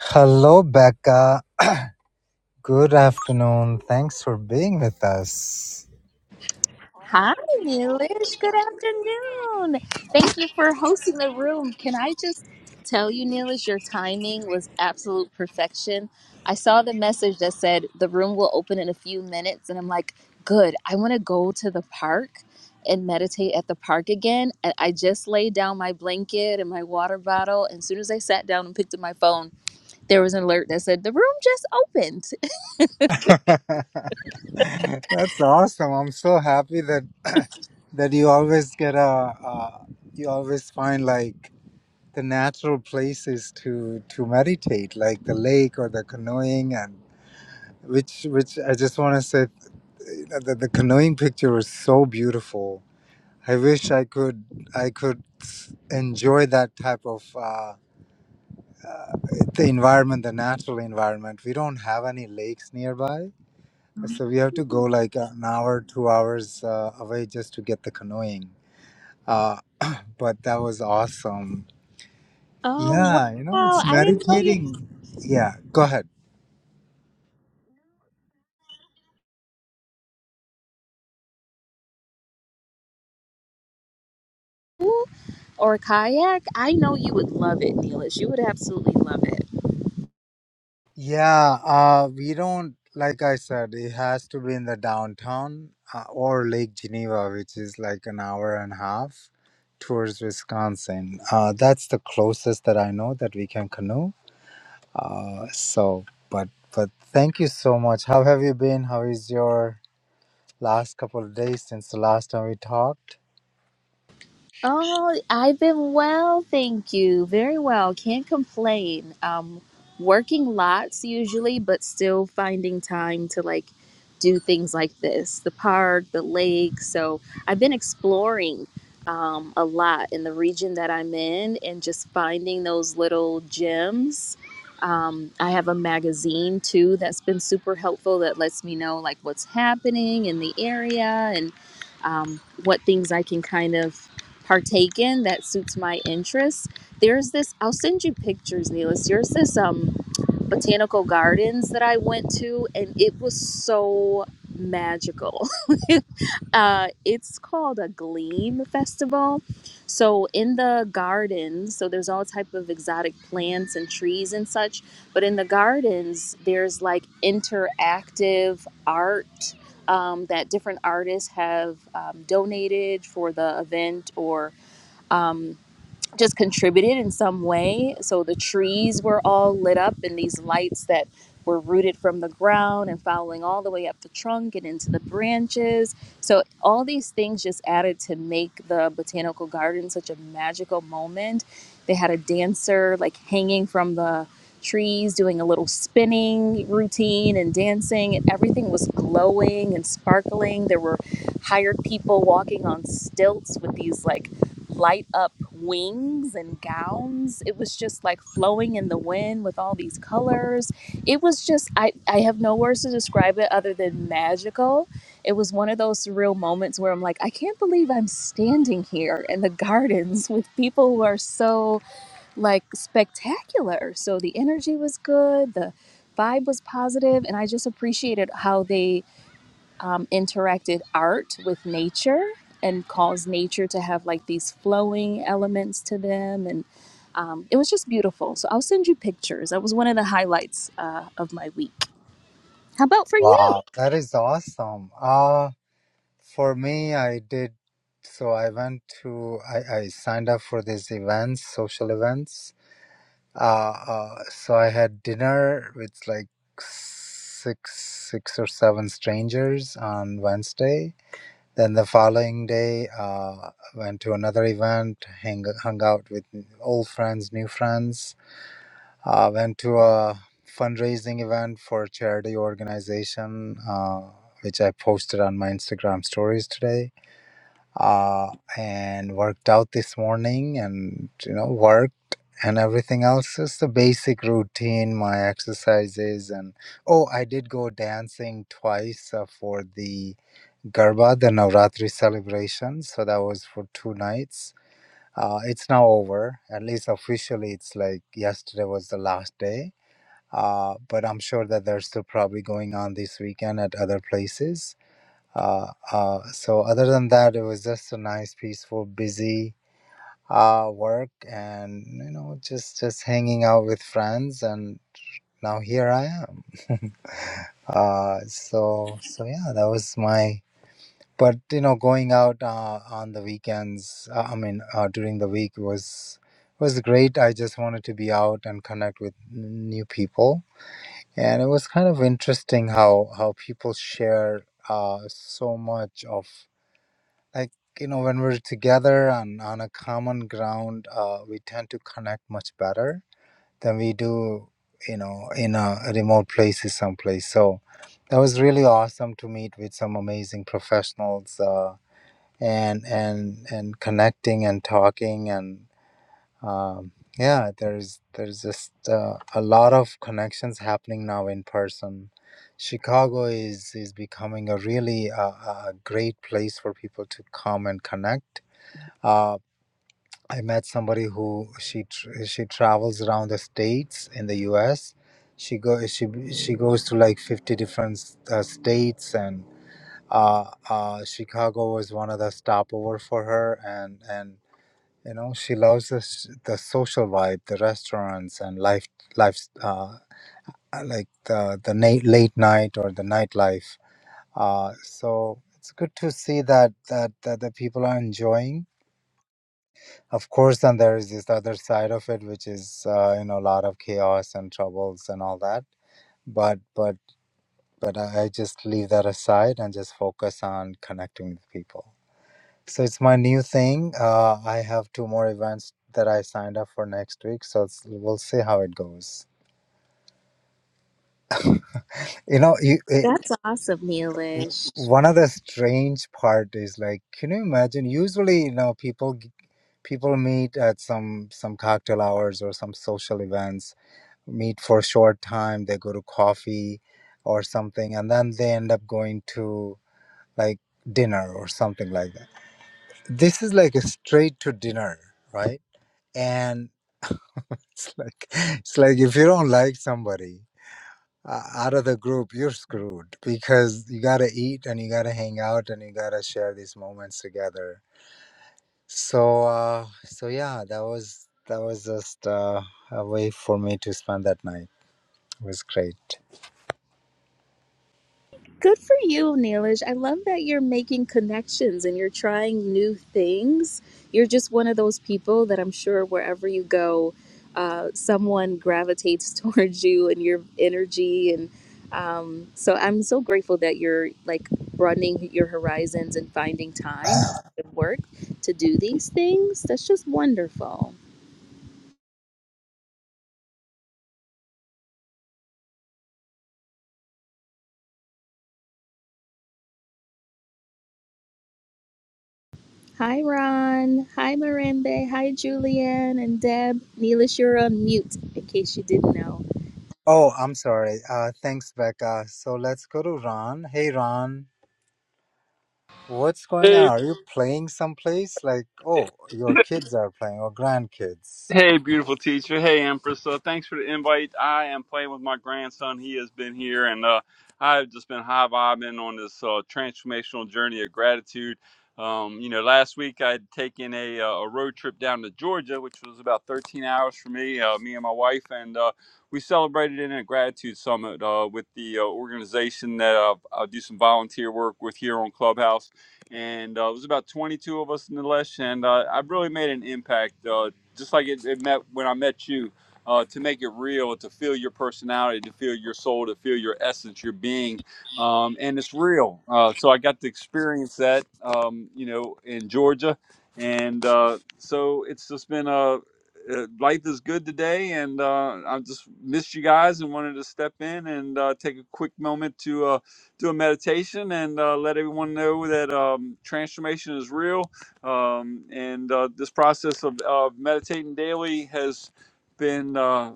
Hello, Becca. Good afternoon. Thanks for being with us. Hi, Neelish. Good afternoon. Thank you for hosting the room. Can I just tell you, Neelish, your timing was absolute perfection. I saw the message that said the room will open in a few minutes, and I'm like, good. I want to go to the park and meditate at the park again. And I just laid down my blanket and my water bottle. And as soon as I sat down and picked up my phone, there was an alert that said the room just opened. That's awesome. I'm so happy that that you always get a uh, you always find like the natural places to to meditate, like the lake or the canoeing, and which which I just want to say you know, that the canoeing picture was so beautiful. I wish I could I could enjoy that type of. Uh, the environment, the natural environment. We don't have any lakes nearby, so we have to go like an hour, two hours uh, away just to get the canoeing. Uh, but that was awesome. Oh, Yeah, you know, wow. it's I didn't know meditating. you. Yeah, go ahead. or kayak, I know you would love it, Neelish. You would absolutely love it. Yeah, uh, we don't, like I said, it has to be in the downtown uh, or Lake Geneva, which is like an hour and a half towards Wisconsin. Uh, that's the closest that I know that we can canoe Uh, so, but but thank you so much. How have you been? How is your last couple of days since the last time we talked? Oh, I've been well, thank you. Very well. Can't complain. Um, working lots usually, but still finding time to like do things like this, the park, the lake. So I've been exploring um, a lot in the region that I'm in and just finding those little gems. Um, I have a magazine too that's been super helpful that lets me know like what's happening in the area and um, what things I can kind of partake in that suits my interests. There's this, I'll send you pictures, Neelis. There's this um botanical gardens that I went to and it was so magical. uh, it's called a Gleam Festival. So in the gardens, so there's all type of exotic plants and trees and such, but in the gardens, there's like interactive art um, that different artists have um, donated for the event or um, just contributed in some way. So the trees were all lit up in these lights that were rooted from the ground and following all the way up the trunk and into the branches. So all these things just added to make the botanical garden such a magical moment. They had a dancer like hanging from the trees doing a little spinning routine and dancing and everything was glowing and sparkling. There were hired people walking on stilts with these like light up wings and gowns. It was just like flowing in the wind with all these colors. It was just, I, I have no words to describe it other than magical. It was one of those surreal moments where I'm like, I can't believe I'm standing here in the gardens with people who are so like spectacular. So the energy was good, the vibe was positive, and I just appreciated how they um, interacted art with nature and caused nature to have like these flowing elements to them. And um, it was just beautiful. So I'll send you pictures. That was one of the highlights uh, of my week. How about for you? Wow, that is awesome. Uh, for me, I did. So I went to I, I signed up for these events, social events. Uh, uh, so I had dinner with like six six or seven strangers on Wednesday Then the following day, uh, went to another event, hang, hung out with old friends, new friends. Uh, went to a fundraising event for a charity organization, uh, which I posted on my Instagram stories today. Uh, and worked out this morning, and you know, worked and everything else is the basic routine, my exercises, and oh, I did go dancing twice uh, for the Garba, the Navratri celebration. So that was for two nights. Uh, it's now over. At least officially, it's like yesterday was the last day. Uh, but I'm sure that they're still probably going on this weekend at other places. Uh, uh, so other than that, it was just a nice, peaceful, busy uh, work, and you know, just just hanging out with friends. And now here I am. Uh, so so yeah, that was my but you know going out uh, on the weekends uh, i mean uh, during the week was was great i just wanted to be out and connect with n- new people and it was kind of interesting how how people share uh, so much of like you know when we're together on on a common ground uh, we tend to connect much better than we do you know in a remote places someplace so that was really awesome to meet with some amazing professionals Uh and and and connecting and talking and um, yeah there's there's just uh, a lot of connections happening now in person chicago is is becoming a really uh, a great place for people to come and connect uh, i met somebody who she tr- she travels around the states in the us she go she she goes to like 50 different uh, states and uh, uh, Chicago was one of the stopover for her, and and you know she loves the s- the social vibe, the restaurants and life life uh, like the the night, late night or the nightlife. Uh, so it's good to see that that that the people are enjoying. Of course, then there is this other side of it, which is uh, you know a lot of chaos and troubles and all that. But but but I I just leave that aside and just focus on connecting with people. So it's my new thing. Uh, I have two more events that I signed up for next week. So it's, we'll see how it goes. You know, you, it, That's awesome, Neelish. one of the strange part is like, can you imagine? Usually, you know, people g- people meet at some some cocktail hours or some social events, meet for a short time. They go to coffee or something, and then they end up going to like dinner or something like that. This is like a straight to dinner, right? And It's like it's like if you don't like somebody uh, out of the group, you're screwed because you gotta eat and you gotta hang out and you gotta share these moments together. So uh, so yeah, that was that was just uh, a way for me to spend that night. It was great. Good for you, Neelish. I love that you're making connections and you're trying new things. You're just one of those people that I'm sure wherever you go, uh, someone gravitates towards you and your energy. And um, so I'm so grateful that you're like broadening your horizons and finding time outside of work to do these things. That's just wonderful. Hi, Ron. Hi, Marimbe. Hi, Julianne and Deb. Neelish, you're on mute in case you didn't know. Oh, I'm sorry. Uh, thanks, Becca. So let's go to Ron. Hey, Ron. What's going on? Hey. Are you playing someplace? Like, oh, your kids are playing or grandkids. Hey, beautiful teacher. Hey, Empress. Uh, thanks for the invite. I am playing with my grandson. He has been here, and uh, I've just been high vibing on this uh, transformational journey of gratitude. Um, you know, last week I'd taken a, uh, a road trip down to Georgia, which was about 13 hours for me, uh, me and my wife, and uh, we celebrated in a gratitude summit uh, with the uh, organization that I, I do some volunteer work with here on Clubhouse and uh, it was about 22 of us in the list and uh, i really made an impact uh, just like it, it met when I met you, uh, to make it real, to feel your personality, to feel your soul, to feel your essence, your being, um, and it's real. Uh, so I got to experience that, um, you know, in Georgia, and uh, so it's just been a uh, life is good today, and uh, I just missed you guys and wanted to step in and uh, take a quick moment to uh, do a meditation and uh, let everyone know that um, transformation is real um, and uh, this process of uh, meditating daily has been uh,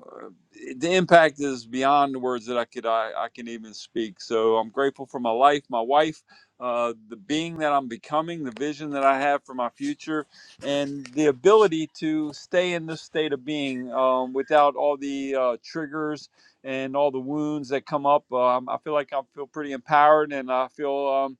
the impact is beyond the words that I could I, I can even speak. So I'm grateful for my life, my wife, uh, the being that I'm becoming, the vision that I have for my future, and the ability to stay in this state of being um, without all the uh, triggers and all the wounds that come up. Um, I feel like I feel pretty empowered, and I feel um,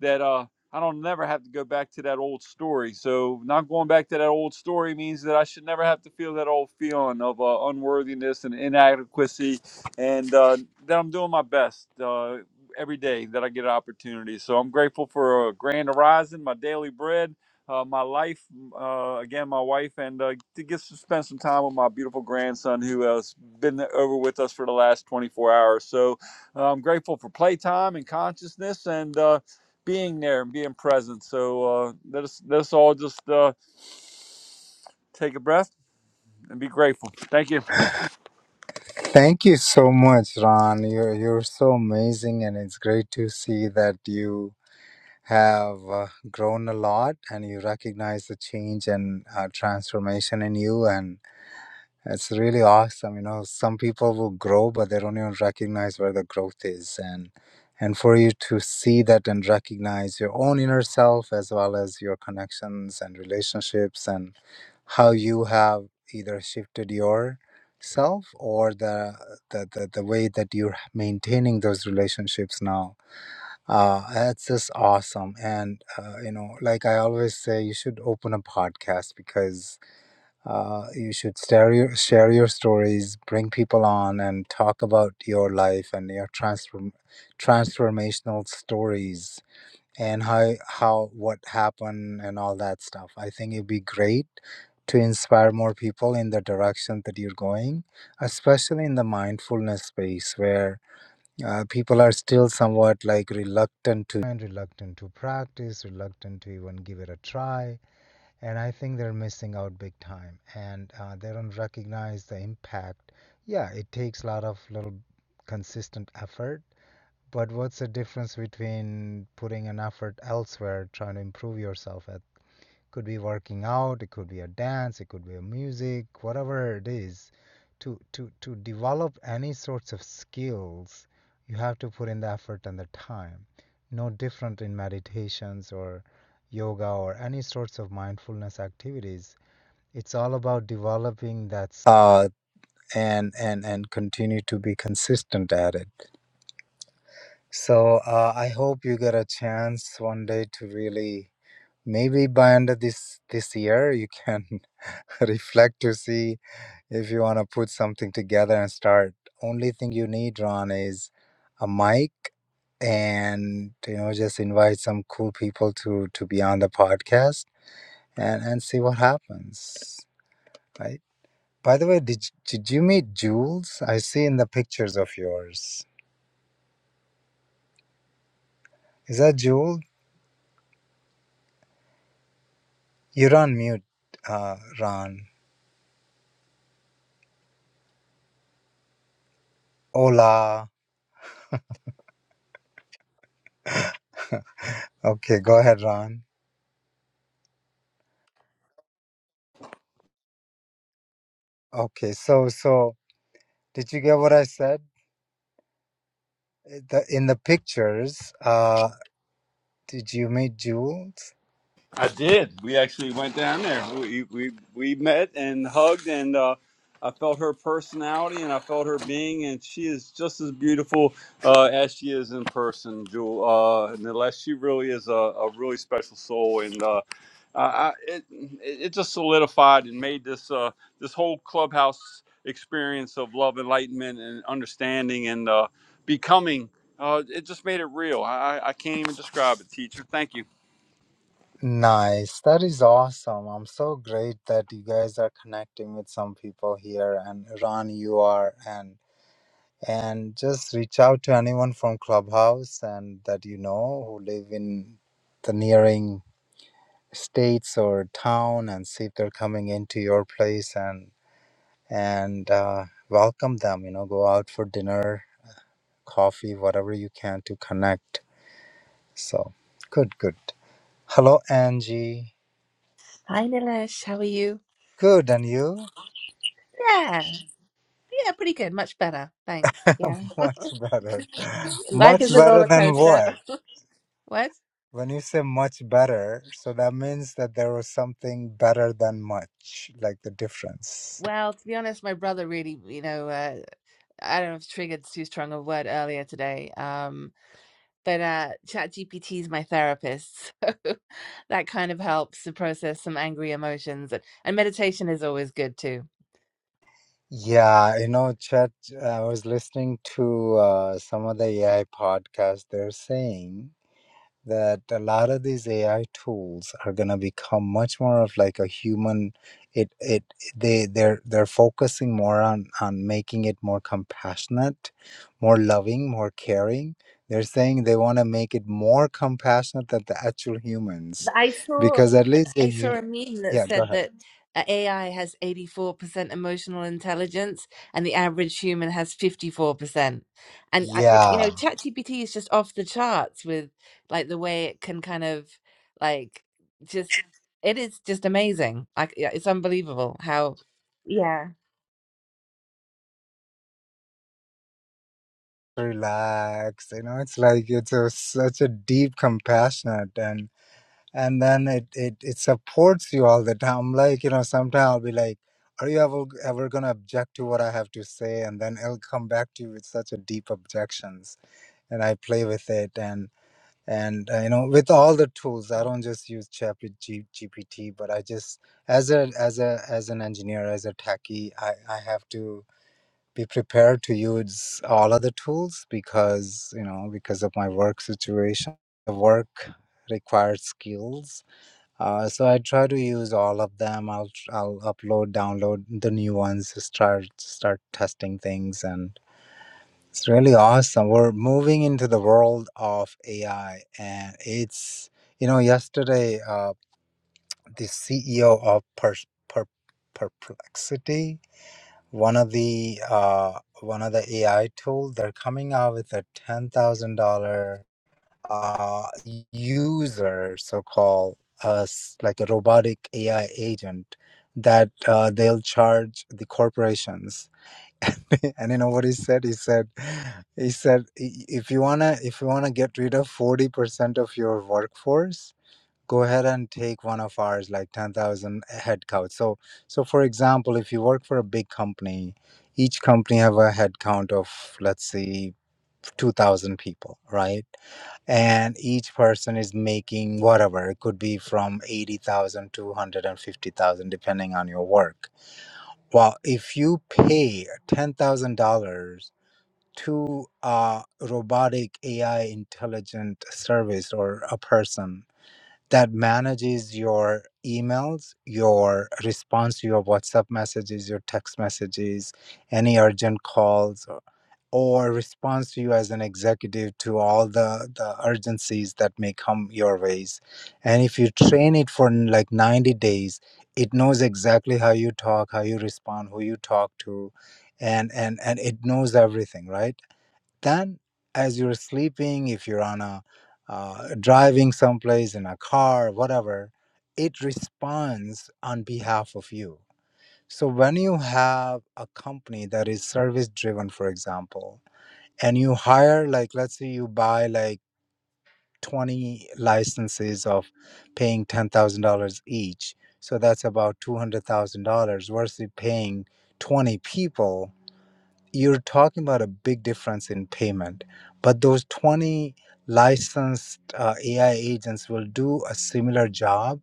that. Uh, I don't never have to go back to that old story. So not going back to that old story means that I should never have to feel that old feeling of uh, unworthiness and inadequacy, and uh, that I'm doing my best uh, every day that I get an opportunity. So I'm grateful for a grand horizon, my daily bread. Uh, my life, uh, again, my wife, and uh, to get to spend some time with my beautiful grandson who has been over with us for the last 24 hours. So uh, I'm grateful for playtime and consciousness, and uh, being there and being present. So uh, let us let us all just uh, take a breath and be grateful. Thank you. Thank you so much, Ron. You're, you're so amazing, and it's great to see that you have uh, grown a lot and you recognize the change and uh, transformation in you. And it's really awesome. You know, some people will grow, but they don't even recognize where the growth is. And and for you to see that and recognize your own inner self as well as your connections and relationships and how you have either shifted yourself or the the, the, the way that you're maintaining those relationships now uh that's just awesome and uh, you know like i always say you should open a podcast because uh you should share your share your stories bring people on and talk about your life and your transform transformational stories and how how what happened and all that stuff. I think it'd be great to inspire more people in the direction that you're going, especially in the mindfulness space where uh, people are still somewhat like reluctant to and reluctant to practice, reluctant to even give it a try. And I think they're missing out big time, and uh, they don't recognize the impact. Yeah, it takes a lot of little consistent effort but what's the difference between putting an effort elsewhere, trying to improve yourself at? Could be working out, it could be a dance, it could be a music, whatever it is. To to to develop any sorts of skills, you have to put in the effort and the time. No different in meditations or yoga or any sorts of mindfulness activities. It's all about developing that uh, and and and continue to be consistent at it. So uh, I hope you get a chance one day to really, maybe by end of this this year, you can reflect to see if you want to put something together and start. Only thing you need, Ron, is a mic and you know just invite some cool people to to be on the podcast and and see what happens. Right. By the way, did did you meet Jules? I see in the pictures of yours. Is that Jules? You're on mute, uh, Ron. Hola. Okay, go ahead, Ron. Okay, so so did you get what I said? Uh, The, in the pictures, uh, did you meet Jules? I did. We actually went down there. We we we met and hugged, and uh, I felt her personality and I felt her being, and she is just as beautiful uh, as she is in person, Jewel. Uh, nonetheless, she really is a, a really special soul, and uh, I, I, it it just solidified and made this uh, this whole clubhouse experience of love, enlightenment, and understanding, and uh, becoming. Uh, it just made it real. I, I I can't even describe it, teacher. Thank you. Nice. That is awesome. I'm so great that you guys are connecting with some people here, and Ron, you are, and and just reach out to anyone from Clubhouse and that you know who live in the nearing states or town and see if they're coming into your place and and uh, welcome them you know go out for dinner coffee whatever you can to connect so good good hello angie Hi, Nilesh. How are you? good and you Yeah, yeah, pretty good. Much better. Thanks. Yeah. much better Life much is a better roller than coaster. what What? when you say much better so that means that there was something better than much like the difference Well, to be honest, my brother really, you know, uh, I don't know if triggered's too strong a word earlier today. Um, but uh, ChatGPT is my therapist. So that kind of helps to process some angry emotions. And, and meditation is always good too. Yeah, you know, Chet, I was listening to uh, some of the AI podcasts. They're saying that a lot of these AI tools are going to become much more of like a human. It it they they're they're focusing more on on making it more compassionate, more loving, more caring. They're saying they want to make it more compassionate than the actual humans, I saw because at least the I saw hu- a meme that yeah, go said ahead. that uh, AI has 84% emotional intelligence and the average human has 54%. And I, it- you Yeah. know, ChatGPT is just off the charts with like the way it can kind of like just it is just amazing. Like yeah, it's unbelievable how yeah. relax you know it's like it's a, such a deep compassionate and and then it, it it supports you all the time like you know sometimes i'll be like are you ever ever gonna object to what i have to say and then it'll come back to you with such a deep objections and i play with it and and uh, you know with all the tools i don't just use ChatGPT, gpt but i just as a as a as an engineer as a techie i i have to be prepared to use all of the tools because you know because of my work situation the work required skills uh, so i try to use all of them i'll i'll upload download the new ones start start testing things and it's really awesome we're moving into the world of ai and it's you know yesterday uh, the ceo of per, per, perplexity one of the uh, one of the AI tool, they're coming out with a ten thousand dollar uh user, so called us like a robotic AI agent that uh, they'll charge the corporations. and you know what he said? He said, he said, "I- if you wanna if you wanna get rid of forty percent of your workforce go ahead and take one of ours like 10000 head count so so for example if you work for a big company each company have a head count of let's say 2000 people right and each person is making whatever it could be from 80000 to 150000 depending on your work well if you pay $10000 to a robotic ai intelligent service or a person that manages your emails, your response to your WhatsApp messages, your text messages, any urgent calls, or, or responds to you as an executive to all the, the urgencies that may come your ways. And if you train it for like 90 days, it knows exactly how you talk, how you respond, who you talk to, and, and, and it knows everything, right? Then, as you're sleeping, if you're on a uh, driving someplace in a car, whatever, it responds on behalf of you. So when you have a company that is service driven, for example, and you hire like let's say you buy like 20 licenses of paying $10,000 each. So that's about $200,000 versus paying 20 people you're talking about a big difference in payment but those 20 licensed uh, ai agents will do a similar job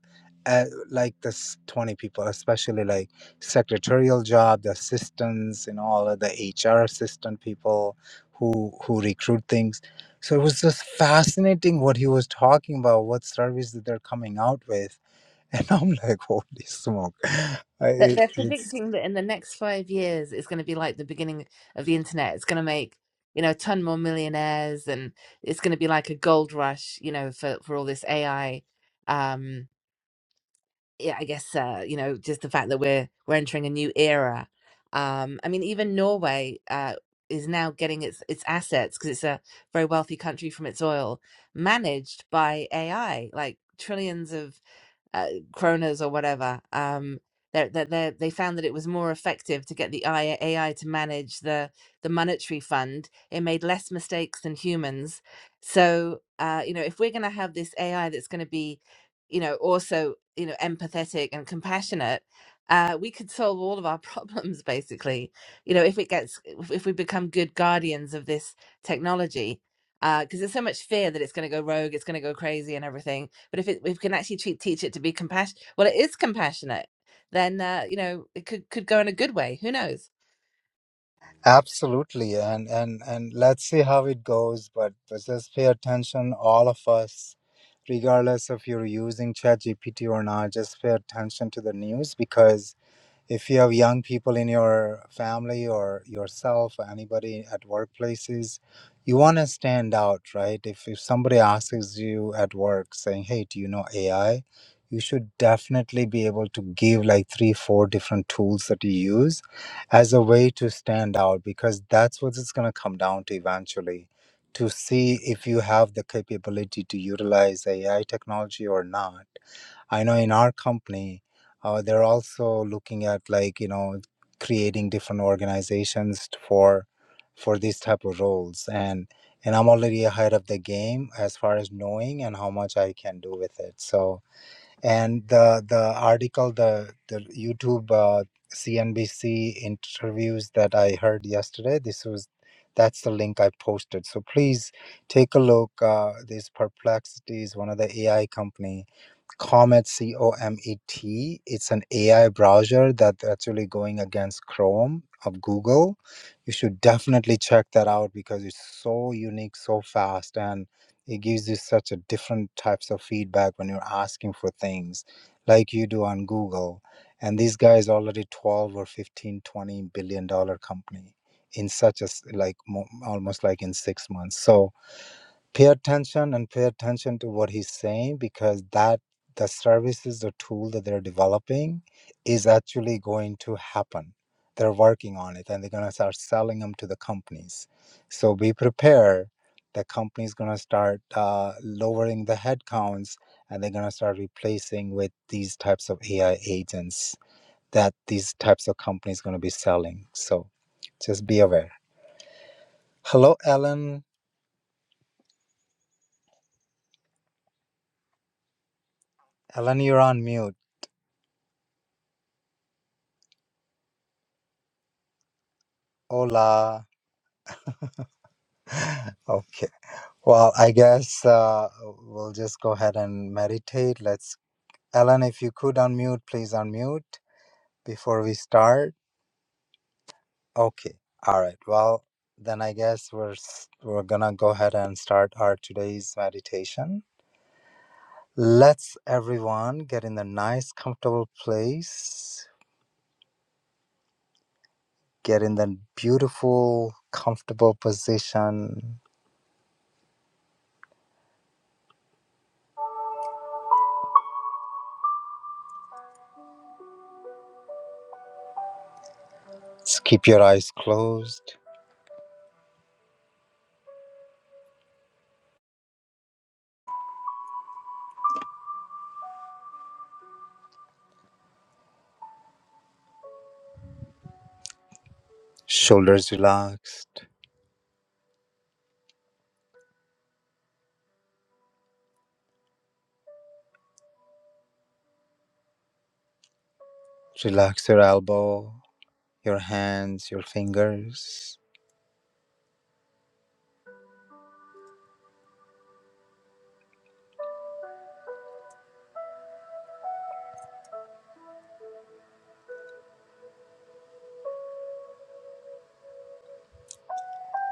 at, like this 20 people especially like secretarial job the assistants and all of the hr assistant people who who recruit things so it was just fascinating what he was talking about what service that they're coming out with and i'm like holy smoke I- That it, they're it's predicting that in the next five years, it's going to be like the beginning of the internet. It's going to make, you know, a ton more millionaires, and it's going to be like a gold rush, you know, for for all this AI. Um, yeah, I guess uh, you know, just the fact that we're we're entering a new era. Um, I mean, even Norway uh, is now getting its its assets because it's a very wealthy country from its oil managed by AI, like trillions of uh, kronas or whatever. Um, they they they found that it was more effective to get the AI AI to manage the the monetary fund. It made less mistakes than humans. So uh, you know, if we're going to have this AI that's going to be, you know, also you know empathetic and compassionate. Uh, we could solve all of our problems basically you know if it gets if if we become good guardians of this technology because there's so much fear that it's going to go rogue it's going to go crazy and everything but if it, if we can actually treat, teach it to be compassionate, well, it is compassionate. Then uh, you know it could could go in a good way. Who knows? Absolutely, and and and let's see how it goes. But but just pay attention, all of us, regardless if you're using ChatGPT or not. Just pay attention to the news because if you have young people in your family or yourself or anybody at workplaces you want to stand out right if, if somebody asks you at work saying hey do you know ai you should definitely be able to give like three four different tools that you use as a way to stand out because that's what it's going to come down to eventually to see if you have the capability to utilize ai technology or not I know in our company, uh, they're also looking at like you know creating different organizations for for these type of roles, and and I'm already ahead of the game as far as knowing and how much I can do with it. So and the the article the the YouTube uh, CNBC interviews that I heard yesterday, this was that's the link I posted. So please take a look. Uh, this Perplexity is one of the AI company Comet, C O M E T. It's an AI browser that's actually going against Chrome of Google. You should definitely check that out because it's so unique, so fast, and it gives you such a different types of feedback when you're asking for things like you do on Google. And this guy is already 12 or 15, 20 billion dollar company in such a s- like mo- almost like in six months. So pay attention and pay attention to what he's saying because that the services the tool that they're developing is actually going to happen they're working on it and they're going to start selling them to the companies so be prepared the company's going to start uh, lowering the headcounts and they're going to start replacing with these types of ai agents that these types of companies going to be selling so just be aware hello ellen ellen you're on mute hola Okay. Well, I guess uh, we'll just go ahead and meditate. Let's, Ellen, if you could unmute, please unmute before we start. Okay. All right. Well, then I guess we're s- we're gonna go ahead and start our today's meditation. Let's everyone get in the nice, comfortable place. Get in the beautiful, comfortable position. Just keep your eyes closed, shoulders relaxed. Relax your elbow your hands, your fingers.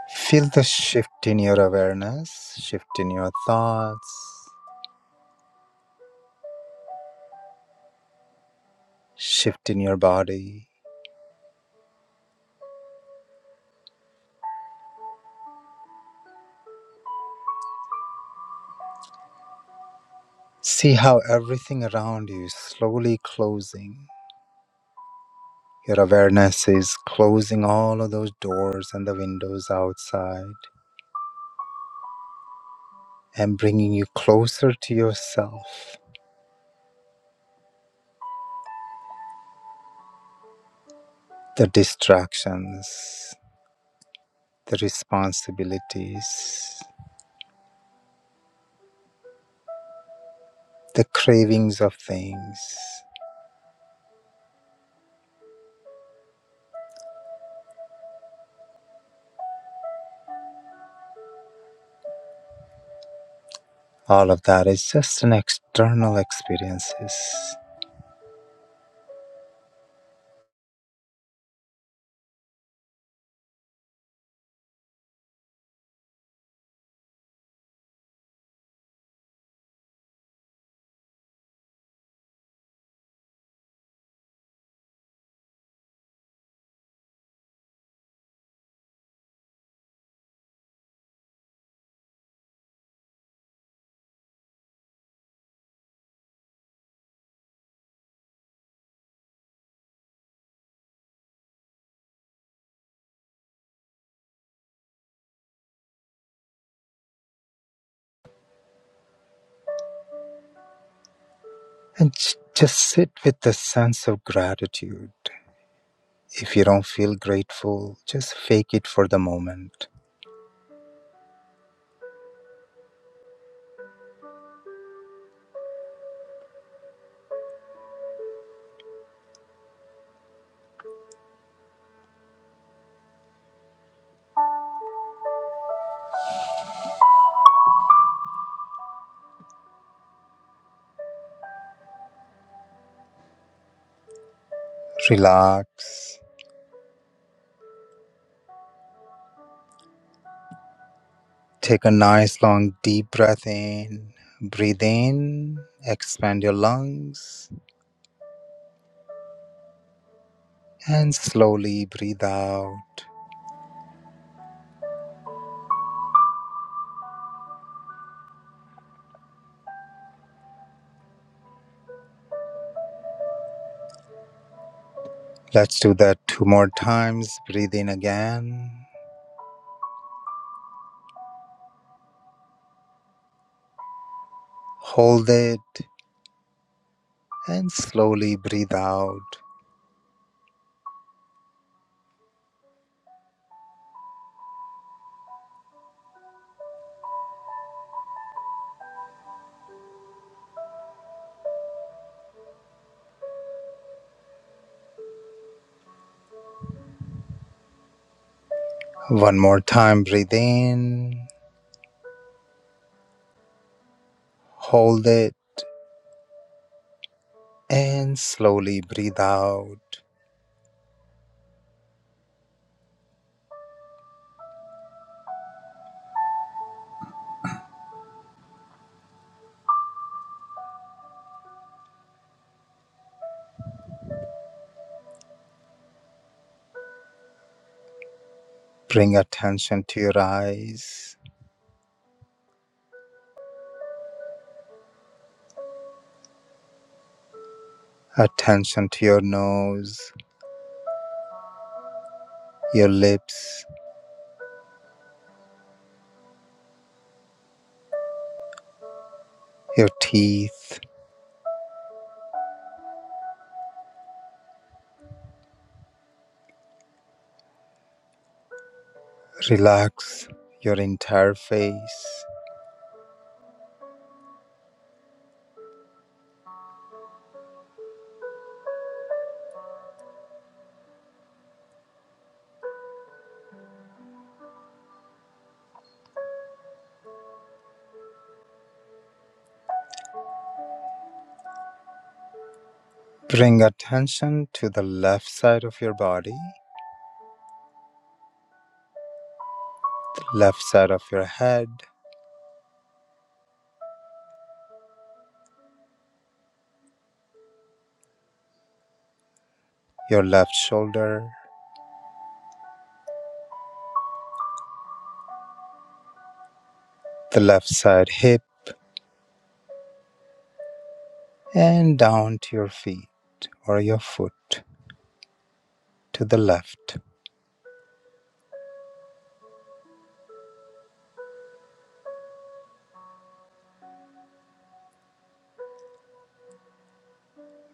Feel the shift in your awareness, shift in your thoughts, shift in your body. See how everything around you is slowly closing. Your awareness is closing all of those doors and the windows outside and bringing you closer to yourself. The distractions, the responsibilities, the cravings of things. all of that is just an external experiences and j- just sit with the sense of gratitude if you don't feel grateful just fake it for the moment relax take a nice long deep breath in breathe in expand your lungs and slowly breathe out let's do that two more times breathe in again hold it and slowly breathe out One more time, breathe in, hold it, and slowly breathe out. Bring attention to your eyes, attention to your nose, your lips, your teeth. Relax your entire face. Bring attention to the left side of your body, the left side of your head, your left shoulder, the left side hip, and down to your feet or your foot to the left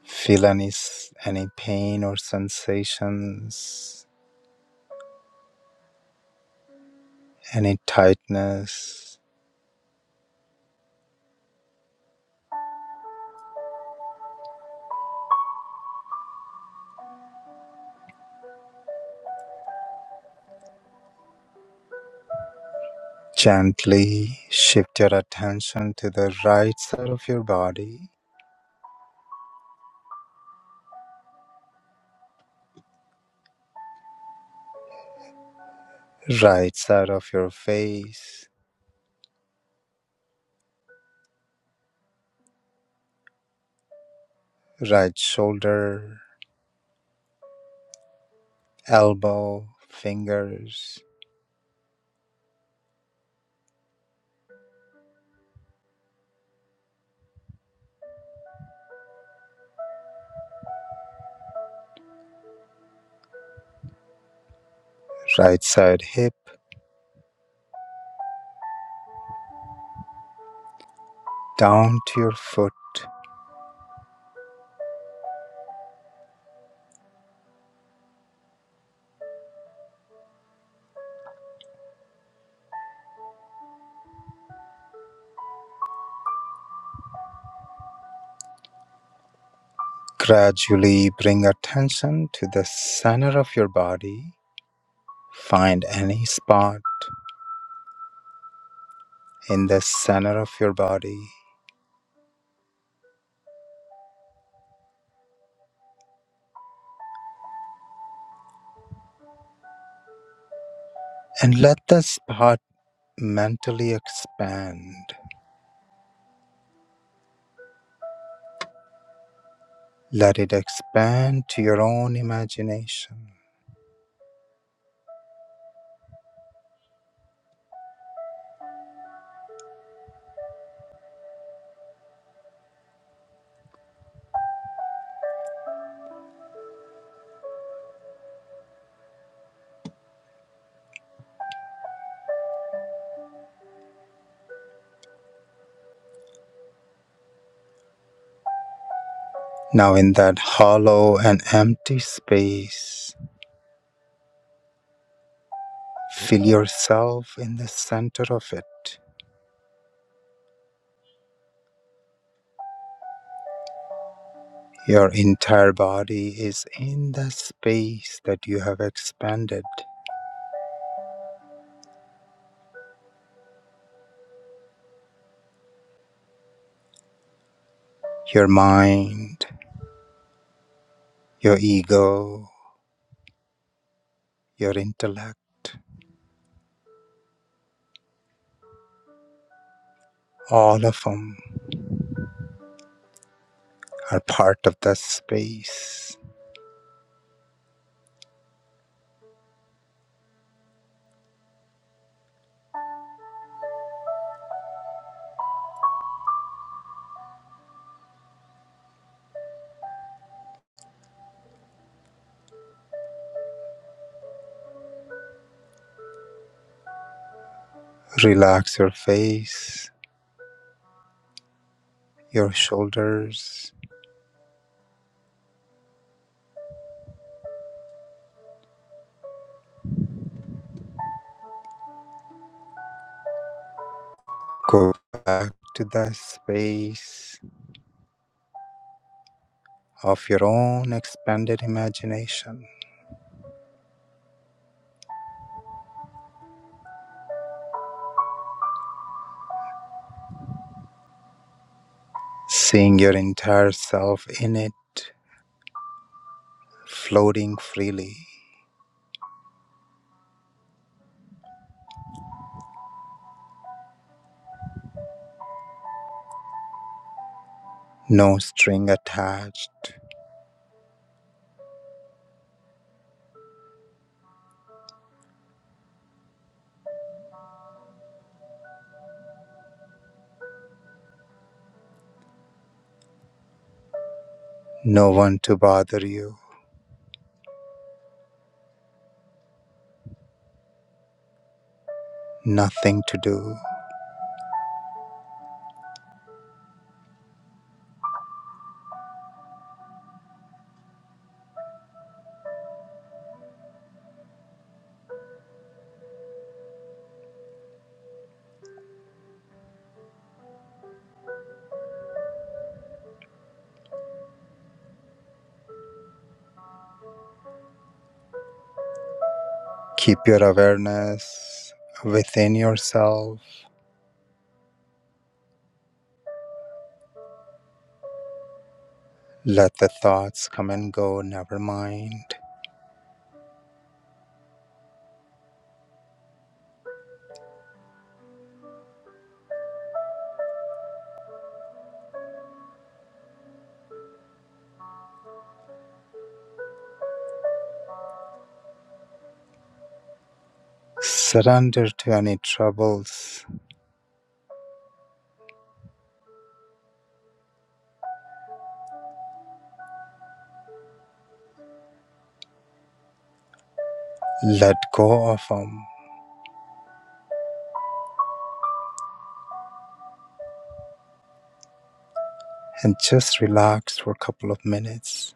Feel any, s- any pain or sensations, any tightness. Gently shift your attention to the right side of your body, right side of your face, right shoulder, elbow, fingers, right side hip, down to your foot. Gradually bring attention to the center of your body. Find any spot in the center of your body And let this heart mentally expand. Let it expand to your own imagination. Now, in that hollow and empty space, feel yourself in the center of it. Your entire body is in the space that you have expanded. Your mind, your ego, your intellect, all of them are part of that space. Relax your face Your shoulders go back to the space of your own expanded imagination, seeing your entire self in it, floating freely. No string attached, no one to bother you, nothing to do. Keep your awareness within yourself. Let the thoughts come and go, never mind. Surrender to any troubles. Let go of them. and just relax for a couple of minutes.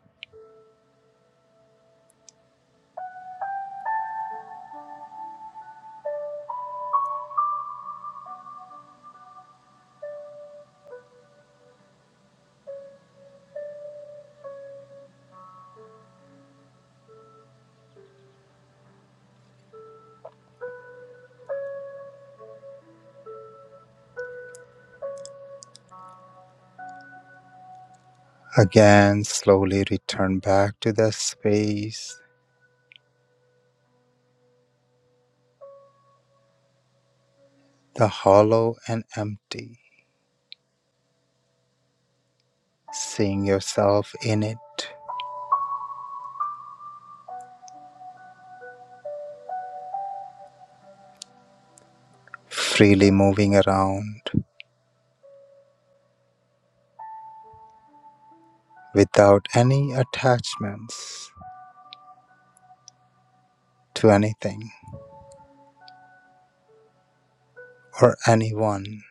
Again, slowly return back to the space, the hollow and empty, seeing yourself in it, freely moving around without any attachments to anything or anyone.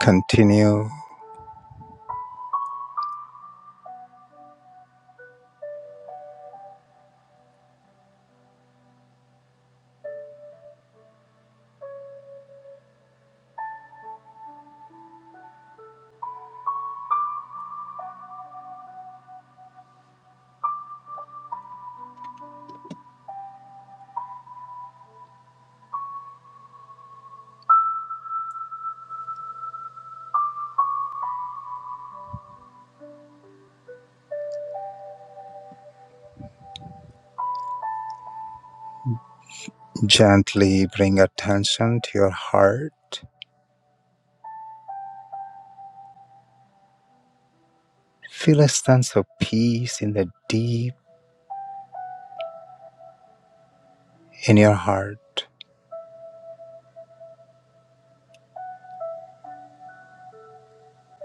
Continue gently bring attention to your heart. Feel a sense of peace in the deep in your heart,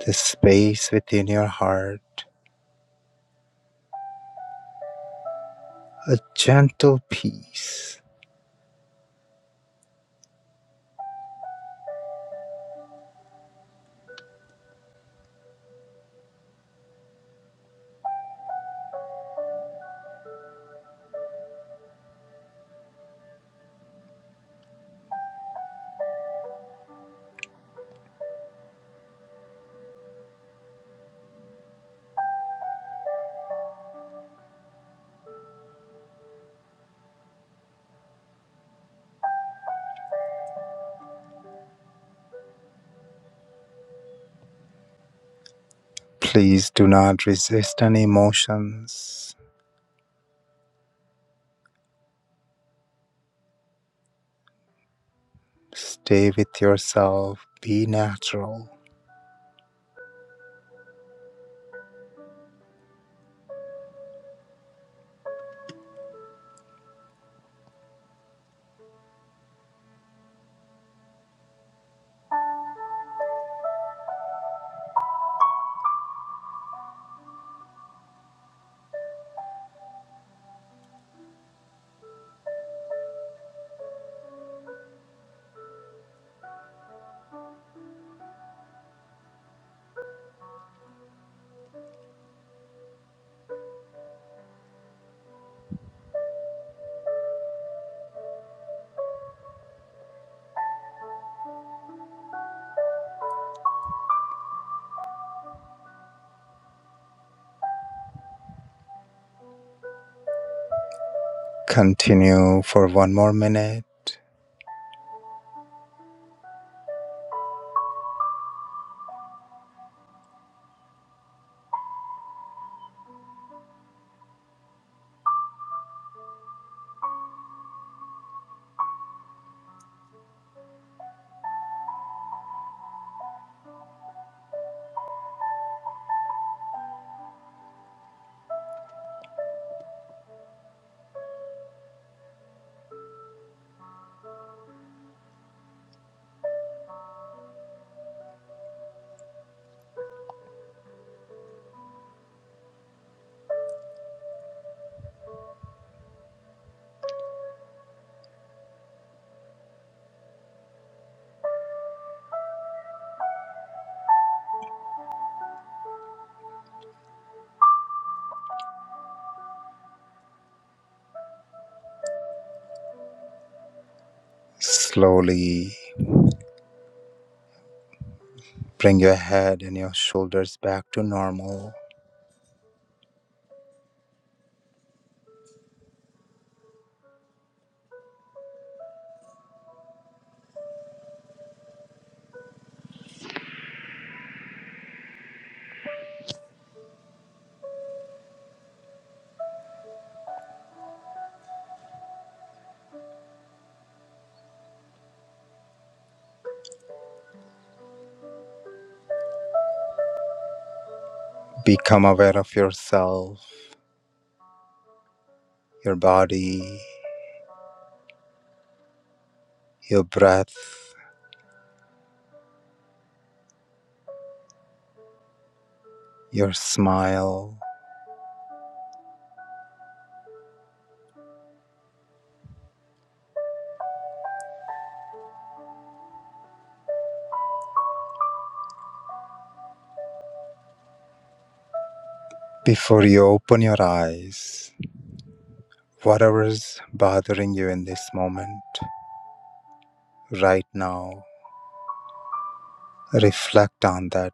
the space within your heart a gentle peace. Please do not resist any emotions. Stay with yourself. Be natural. Continue for one more minute. Slowly bring your head and your shoulders back to normal. Become aware of yourself, your body, your breath, your smile. Before you open your eyes, whatever's bothering you in this moment, right now, Reflect on that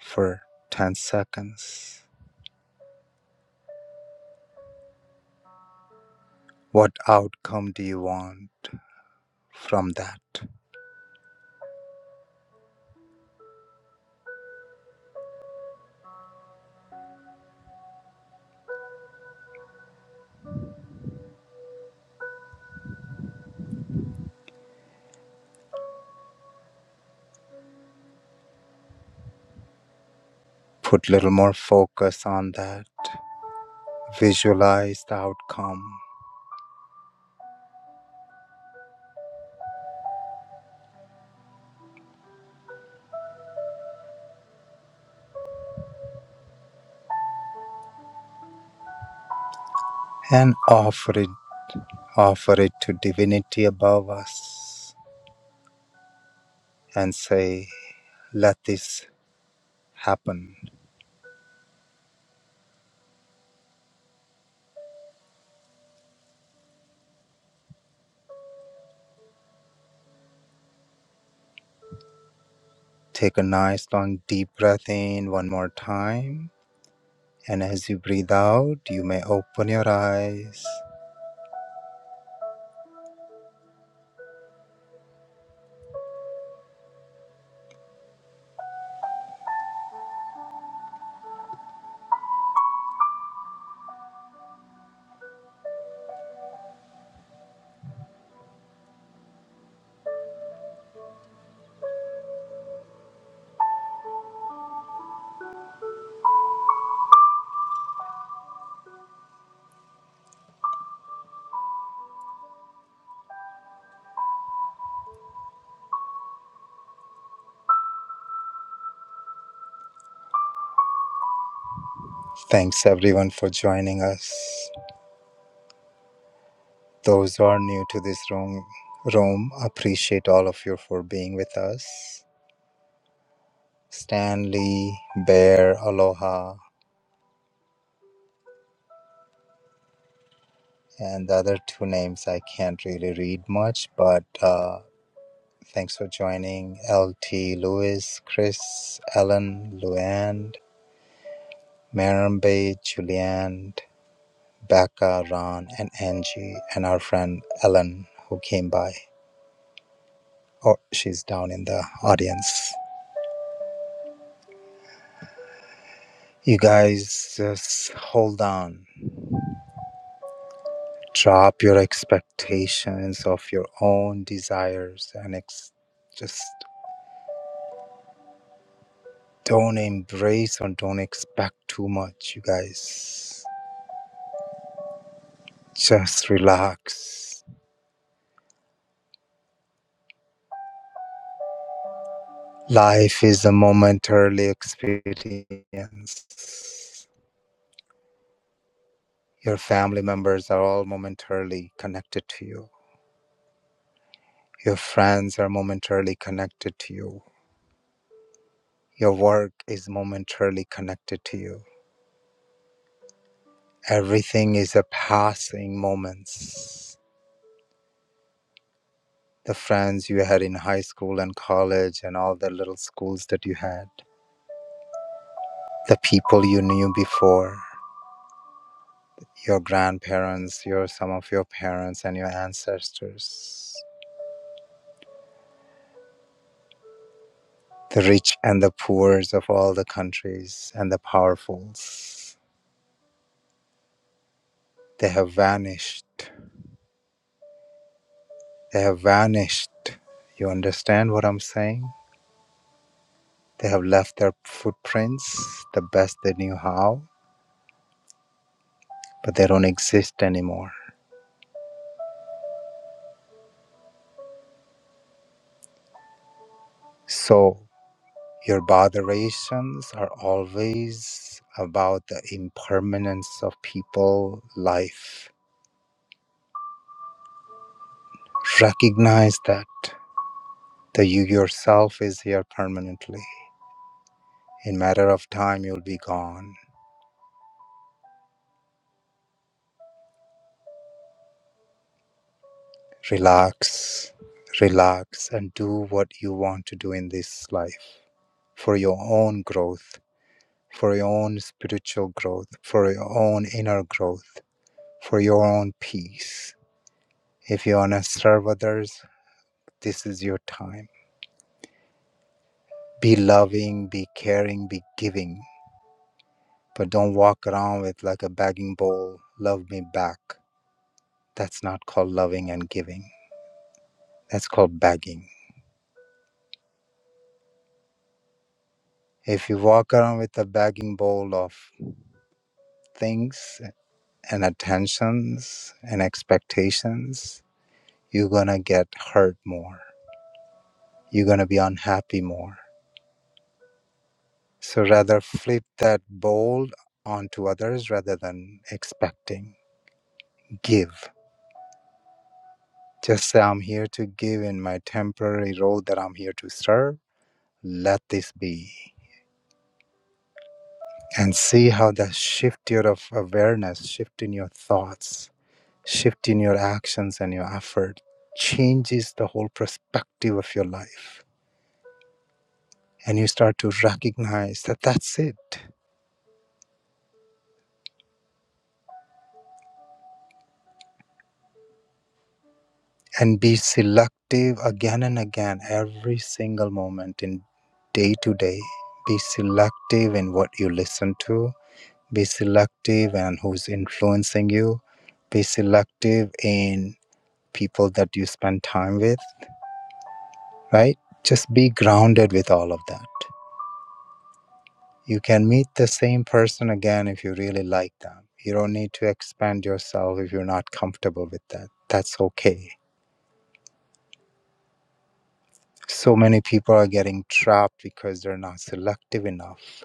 for 10 seconds. What outcome do you want from that? Put a little more focus on that. Visualize the outcome and offer it offer it to divinity above us and say, let this happen. Take a nice long deep breath in one more time. And as you breathe out, you may open your eyes. Thanks everyone for joining us. Those who are new to this room, room, appreciate all of you for being with us. Stanley, Bear, Aloha, and the other two names I can't really read much, but uh, thanks for joining. LT, Lewis, Chris, Ellen, Luann, Marambe, Julianne, Becca, Ron, and Angie, and our friend Ellen who came by. Oh, she's down in the audience. You guys just hold on. Drop your expectations of your own desires and ex- just don't embrace or don't expect too much, you guys. Just relax. Life is a momentary experience. Your family members are all momentarily connected to you. Your friends are momentarily connected to you. Your work is momentarily connected to you. Everything is a passing moments. the friends you had in high school and college and all the little schools that you had, the people you knew before, your grandparents, your some of your parents and your ancestors, the rich and the poor of all the countries and the powerfuls. They have vanished. They have vanished. You understand what I'm saying? They have left their footprints the best they knew how, but they don't exist anymore. So Your botherations are always about the impermanence of people, life. Recognize that the you yourself is here permanently. In matter of time, you'll be gone. Relax, relax, and do what you want to do in this life for your own growth, for your own spiritual growth, for your own inner growth, for your own peace. If you want to serve others, this is your time Be loving, be caring, be giving, but don't walk around with like a begging bowl, love me back. That's not called loving and giving. That's called begging. If you walk around with a begging bowl of things and attentions and expectations, you're gonna get hurt more. You're gonna be unhappy more. So rather flip that bowl onto others rather than expecting. Give. Just say, I'm here to give in my temporary role that I'm here to serve. Let this be. And see how that shift your of awareness, shift in your thoughts, shift in your actions and your effort changes the whole perspective of your life. And you start to recognize that that's it. And be selective again and again, every single moment in day to day. Be selective in what you listen to, be selective and who's influencing you be selective in people that you spend time with right just be grounded with all of that you can meet the same person again if you really like them you don't need to expand yourself if you're not comfortable with that that's okay so many people are getting trapped because they're not selective enough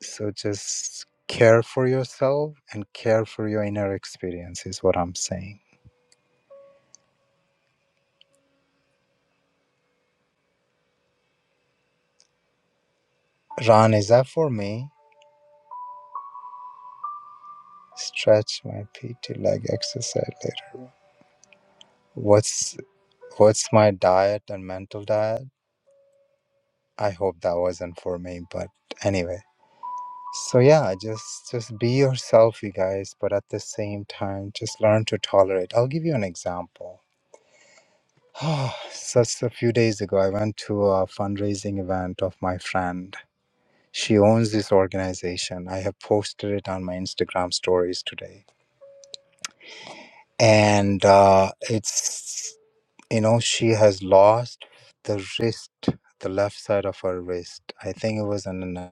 so just care for yourself and care for your inner experience is what i'm saying ron is that for me Stretch my PT leg exercise later. What's what's my diet and mental diet? I hope that wasn't for me, but anyway. So yeah, just just be yourself, you guys, but at the same time, just learn to tolerate. I'll give you an example. Just a few days ago, I went to a fundraising event of my friend. She owns this organization. I have posted it on my Instagram stories today, and uh, it's You know, she has lost the wrist, the left side of her wrist. I think it was in an.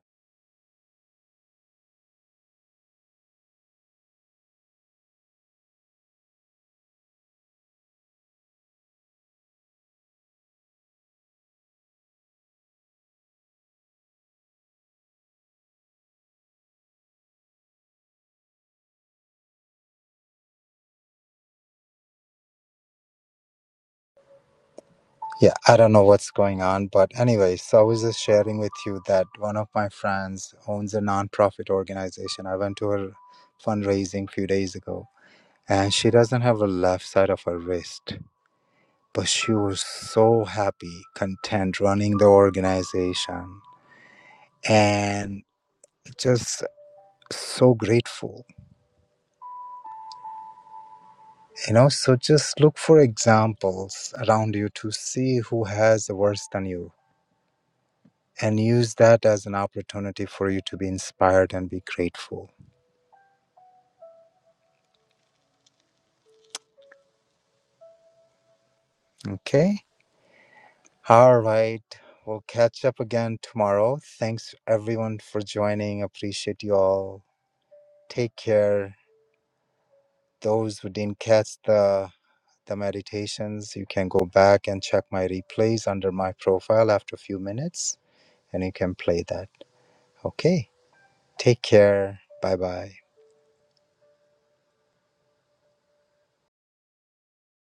Yeah, I don't know what's going on, but anyway, so I was just sharing with you that one of my friends owns a nonprofit organization. I went to her fundraising a few days ago, and she doesn't have a left side of her wrist, but she was so happy, content running the organization, and just so grateful You know, so just look for examples around you to see who has worse than you and use that as an opportunity for you to be inspired and be grateful. Okay? All right. We'll catch up again tomorrow. Thanks everyone for joining. Appreciate you all. Take care. Those who didn't catch the the meditations, you can go back and check my replays under my profile after a few minutes and you can play that. Okay? Take care. Bye bye.